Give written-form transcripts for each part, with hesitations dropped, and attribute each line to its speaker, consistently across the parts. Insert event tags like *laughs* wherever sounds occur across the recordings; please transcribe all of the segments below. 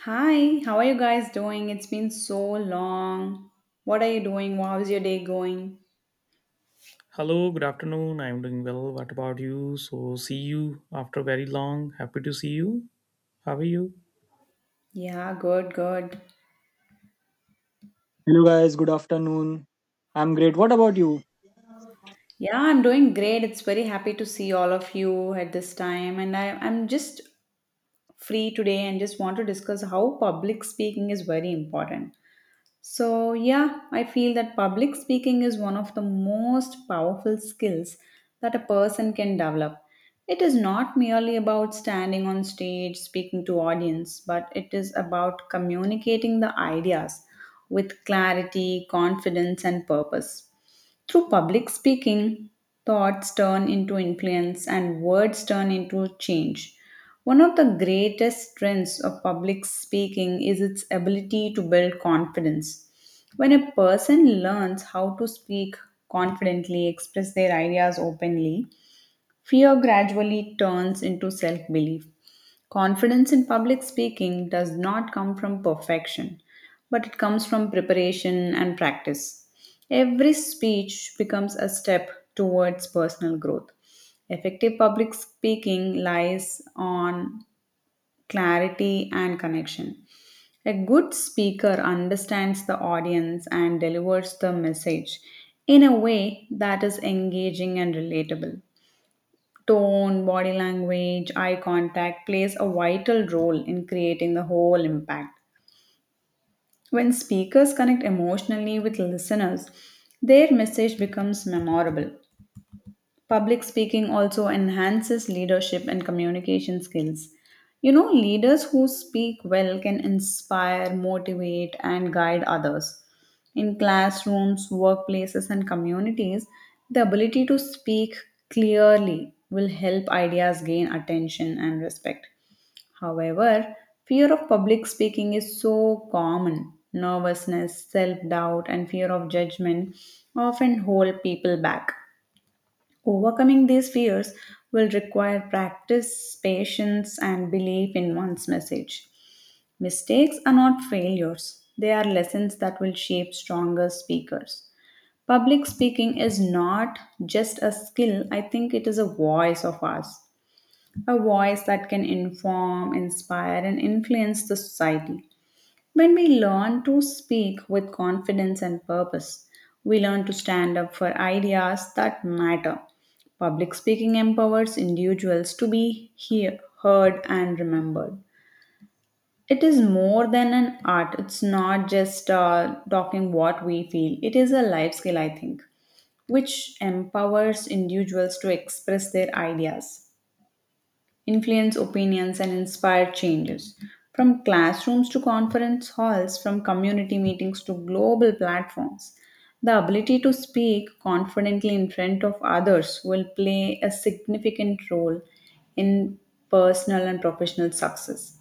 Speaker 1: Hi, how are you guys doing? It's been so long. What are you doing? How's your day going?
Speaker 2: Hello, good afternoon. I'm doing well. What about you? So, see you after very long. Happy to see you. How are you?
Speaker 1: Yeah, good, good.
Speaker 3: Hello guys, good afternoon. I'm great. What about you?
Speaker 1: Yeah, I'm doing great. It's very happy to see all of you at this time. And I'm just free today and just want to discuss how public speaking is very important. So, yeah, I feel that public speaking is one of the most powerful skills that a person can develop. It is not merely about standing on stage speaking to audience, but it is about communicating the ideas with clarity, confidence and purpose. Through public speaking, thoughts turn into influence and words turn into change. One of the greatest strengths of public speaking is its ability to build confidence. When a person learns how to speak confidently, express their ideas openly, fear gradually turns into self belief. Confidence in public speaking does not come from perfection, but it comes from preparation and practice. Every speech becomes a step towards personal growth. Effective public speaking lies on clarity and connection. A good speaker understands the audience and delivers the message in a way that is engaging and relatable. Tone, body language, eye contact plays a vital role in creating the whole impact. When speakers connect emotionally with listeners, their message becomes memorable. Public speaking also enhances leadership and communication skills. You know, leaders who speak well can inspire, motivate, and guide others. In classrooms, workplaces, and communities, the ability to speak clearly will help ideas gain attention and respect. However, fear of public speaking is so common. Nervousness, self doubt, and fear of judgment often hold people back. Overcoming these fears will require practice, patience, and belief in one's message. Mistakes are not failures, they are lessons that will shape stronger speakers. Public speaking is not just a skill, I think it is a voice of ours, a voice that can inform, inspire, and influence the society. When we learn to speak with confidence and purpose, we learn to stand up for ideas that matter. Public speaking empowers individuals to be hear, heard and remembered. It is more than an art, it's not just talking what we feel, it is a life skill, I think, which empowers individuals to express their ideas influence opinions, and inspire changes. From classrooms to conference halls, from community meetings to global platforms, the ability to speak confidently in front of others will play a significant role in personal and professional success.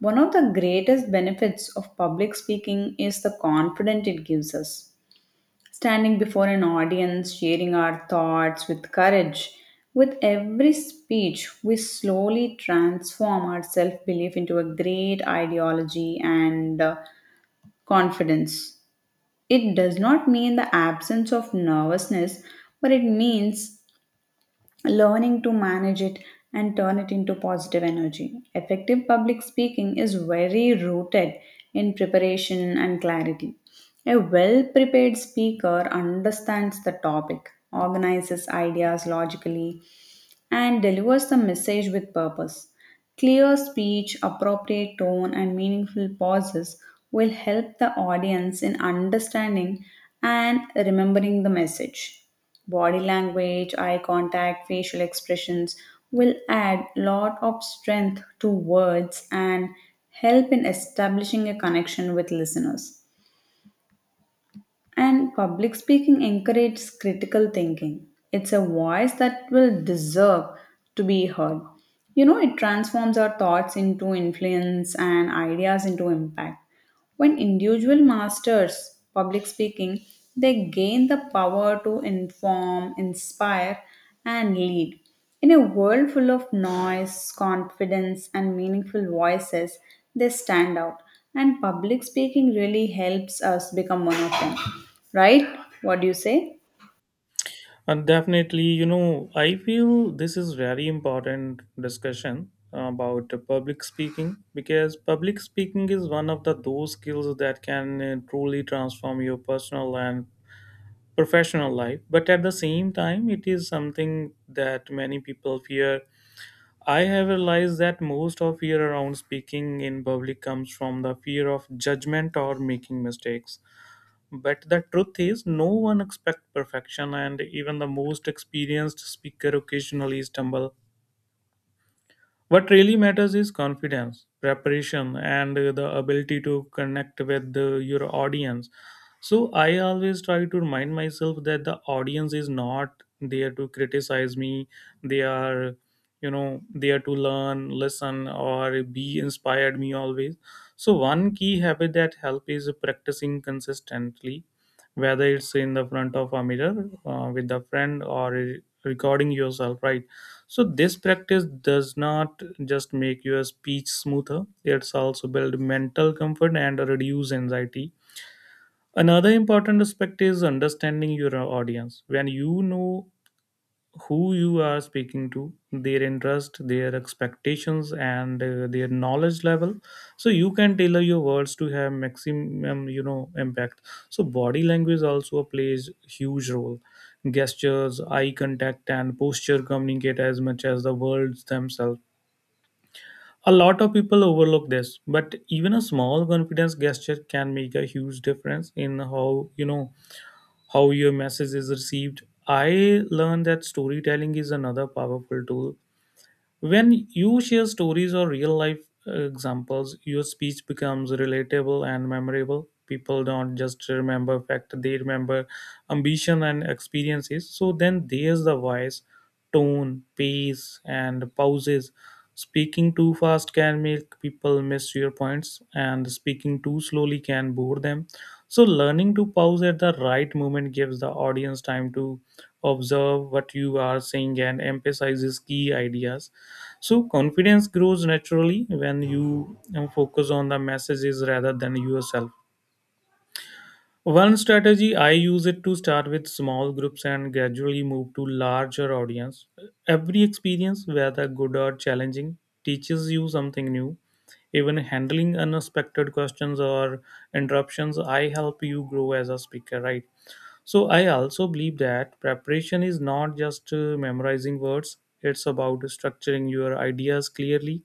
Speaker 1: One of the greatest benefits of public speaking is the confidence it gives us standing before an audience, sharing our thoughts with courage. With every speech, we slowly transform our self belief into a great ideology and confidence. It does not mean the absence of nervousness, but it means learning to manage it and turn it into positive energy. Effective public speaking is very rooted in preparation and clarity. A well prepared speaker understands the topic, organizes ideas logically, and delivers the message with purpose. Clear speech, appropriate tone, and meaningful pauses will help the audience in understanding and remembering the message. Body language, eye contact, facial expressions will add lot of strength to words and help in establishing a connection with listeners. And public speaking encourages critical thinking. It's a voice that will deserve to be heard. You know, it transforms our thoughts into influence and ideas into impact. When individual masters public speaking, they gain the power to inform, inspire, and lead. In a world full of noise, confidence, and meaningful voices, they stand out. And public speaking really helps us become one of them. Right? What do you say?
Speaker 2: And definitely, you know, I feel this is very important discussion about public speaking because public speaking is one of the those skills that can truly transform your personal and professional life. But at the same time, it is something that many people fear. I have realized that most of fear around speaking in public comes from the fear of judgment or making mistakes. But the truth is, no one expects perfection, and even the most experienced speaker occasionally stumble. What really matters is confidence, preparation, and the ability to connect with your audience. So I always try to remind myself that the audience is not there to criticize me. They are, you know, there to learn, listen, or be inspired me always. So one key habit that help is practicing consistently, whether it's in the front of a mirror with a friend or recording yourself, right? So this practice does not just make your speech smoother, it's also build mental comfort and reduce anxiety. Another important aspect is understanding your audience. When you know who you are speaking to, their interest, their expectations, and their knowledge level. So you can tailor your words to have maximum, you know, impact. So body language also plays huge role. Gestures, eye contact, and posture communicate as much as the words themselves. A lot of people overlook this, but even a small confidence gesture can make a huge difference in how you know how your message is received. I learned that storytelling is another powerful tool. When you share stories or real life examples, your speech becomes relatable and memorable. People don't just remember fact, they remember ambition and experiences. So then there's the voice, tone, pace, and pauses. Speaking too fast can make people miss your points, and speaking too slowly can bore them. So, learning to pause at the right moment gives the audience time to observe what you are saying and emphasizes key ideas. So confidence grows naturally when you focus on the messages rather than yourself. One strategy I use it to start with small groups and gradually move to larger audience. Every experience, whether good or challenging, teaches you something new. Even handling unexpected questions or interruptions I help you grow as a speaker, right? So I also believe that preparation is not just memorizing words, it's about structuring your ideas clearly.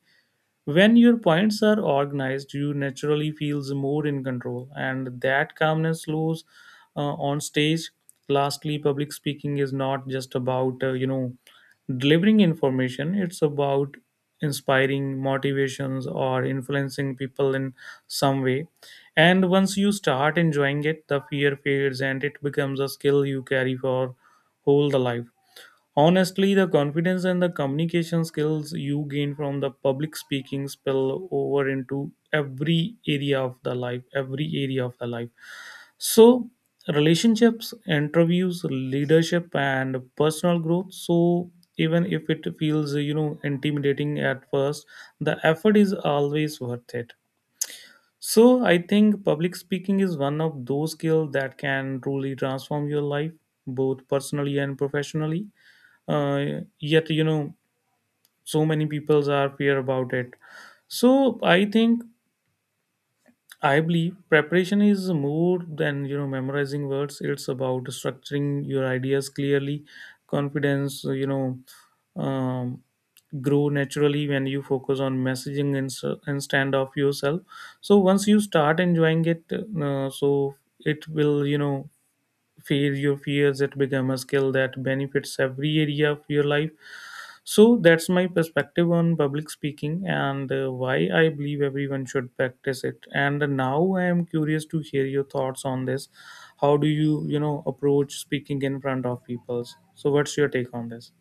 Speaker 2: When your points are organized, you naturally feels more in control, and that calmness slows on stage. Lastly, public speaking is not just about you know delivering information; it's about inspiring motivations or influencing people in some way. And once you start enjoying it, the fear fades, and it becomes a skill you carry for whole the life. Honestly, the confidence and the communication skills you gain from the public speaking spill over into every area of the life, every area of the life. So, relationships, interviews, leadership, and personal growth. So, even if it feels, you know, intimidating at first, the effort is always worth it. So, I think public speaking is one of those skills that can truly transform your life, both personally and professionally. Yet, you know, so many peoples are fear about it. So I think, I believe preparation is more than, you know, memorizing words, it's about structuring your ideas clearly. Confidence, you know, um, grow naturally when you focus on messaging and stand off yourself. So once you start enjoying it, so it will, you know, fear your fears, it become a skill that benefits every area of your life. So that's my perspective on public speaking and why I believe everyone should practice it. And now I am curious to hear your thoughts on this. How do you, you know, approach speaking in front of people? So what's your take on this?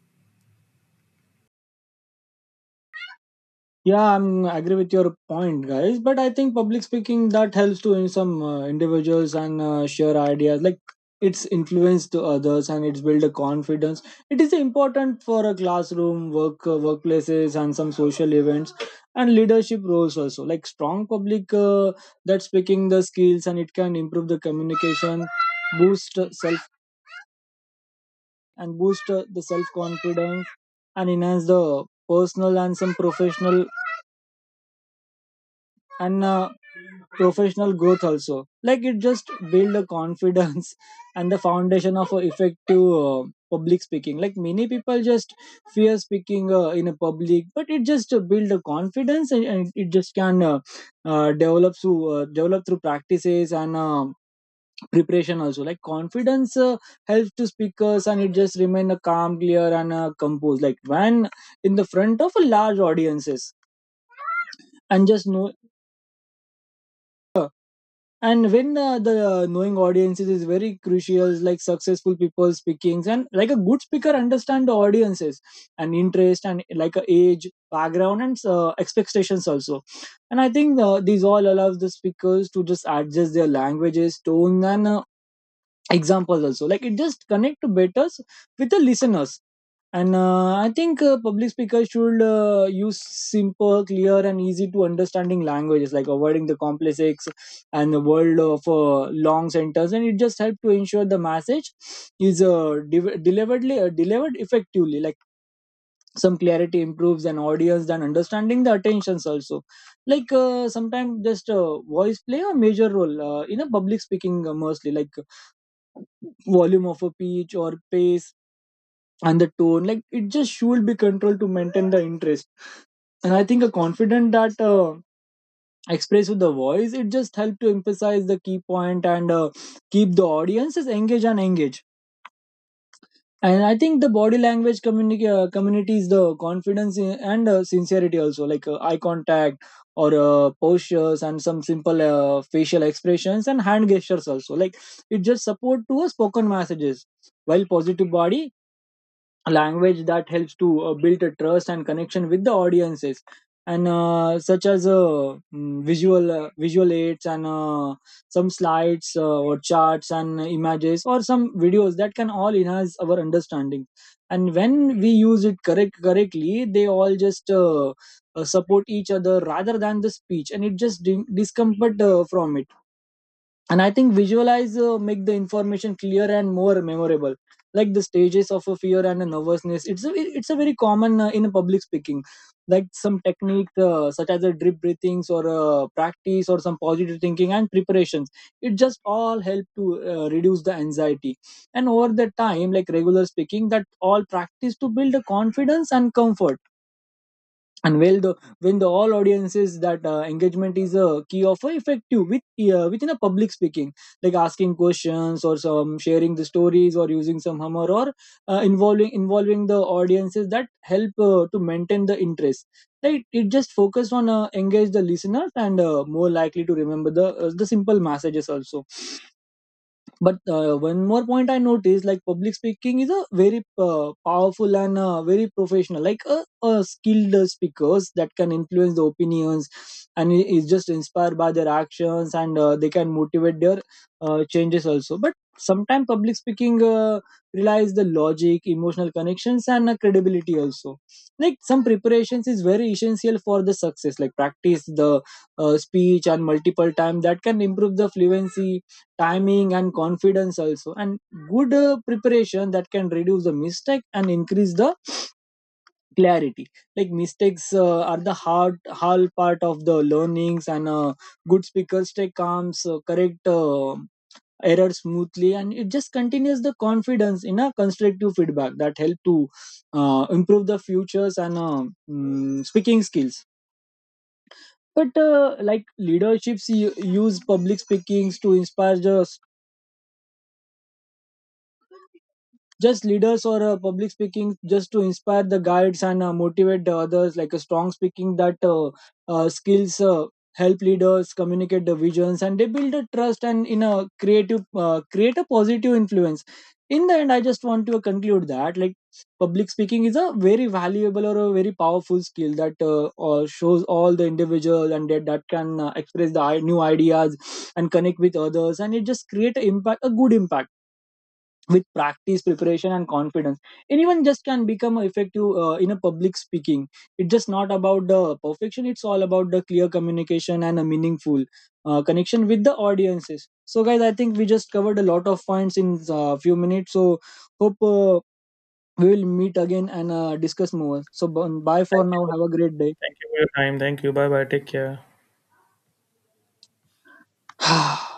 Speaker 3: Yeah, I agree with your point, guys. But I think public speaking that helps to in some individuals and share ideas. Like it's influence to others and it's build a confidence. It is important for a classroom, work, workplaces, and some social events and leadership roles also. Like strong public that speaking the skills, and it can improve the communication, boost self and boost the self confidence, and enhance the personal and some professional and professional growth also, like it just build the confidence *laughs* and the foundation of a effective public speaking. Like many people just fear speaking in a public, but it just build the confidence, and it just can develop through practices and preparation also. Like confidence helps to speakers, and it just remain calm, clear, and composed, like when in the front of a large audiences and just know. And when the knowing audiences is very crucial, like successful people speaking, and like a good speaker understand the audiences and interest, and like age, background, and expectations also. And I think these all allows the speakers to just adjust their languages, tone, and examples also, like it just connect to betters with the listeners. And I think public speakers should use simple, clear, and easy to understanding languages, like avoiding the complex and the world of long sentence. And it just help to ensure the message is deliberately delivered effectively, like some clarity improves an audience than understanding the attentions also. Like sometimes just voice play a major role in a public speaking, mostly like volume of a pitch or pace and the tone, like it just should be controlled to maintain the interest. And I think a confident that expressed with the voice, it just helped to emphasize the key point and keep the audiences engaged. And I think the body language community is the confidence in, and sincerity also, like eye contact or postures, and some simple facial expressions and hand gestures also, like it just support to a spoken messages, while positive body language that helps to build a trust and connection with the audiences. And such as visual aids and some slides or charts and images or some videos, that can all enhance our understanding. And when we use it correctly, they all just support each other rather than the speech, and it just discomfort from it. And I think visualize make the information clear and more memorable. Like the stages of a fear and a nervousness, it's a very common in a public speaking. Like some technique such as a drip breathings or practice or some positive thinking and preparations, it just all help to reduce the anxiety. And over the time, like regular speaking that all practice to build a confidence and comfort. And well the when the all audiences that engagement is a key of a effective with within a public speaking, like asking questions or some sharing the stories or using some humor, or involving the audiences that help to maintain the interest, right? It just focus on engage the listeners and more likely to remember the simple messages also. But one more point I noticed, like public speaking is a very powerful and very professional, like a skilled speakers that can influence the opinions, and is just inspired by their actions, and they can motivate their changes also. But sometimes public speaking relies the logic, emotional connections, and credibility also, like some preparations is very essential for the success. Like practice the speech and multiple time that can improve the fluency, timing, and confidence also. And good preparation that can reduce the mistake and increase the clarity. Like mistakes are the hard part of the learnings, and good speakers take calms, correct error smoothly, and it just continues the confidence in a constructive feedback that help to improve the futures and speaking skills. But like leaderships use public speakings to inspire the just leaders, or public speaking just to inspire the guides and motivate the others. Like a strong speaking that skills help leaders communicate the visions, and they build a trust and in a creative create a positive influence. In the end, I just want to conclude that, like, public speaking is a very valuable or a very powerful skill that shows all the individual, and that can express the new ideas and connect with others, and it just create a impact, a good impact. With practice, preparation, and confidence, anyone just can become effective in a public speaking. It's just not about the perfection, it's all about the clear communication and a meaningful connection with the audiences. So guys, I think we just covered a lot of points in a few minutes, so hope we will meet again and discuss more. So bye for now, have a great
Speaker 2: Thank you for your time. Thank you. Bye bye. Take care.
Speaker 3: day. *sighs*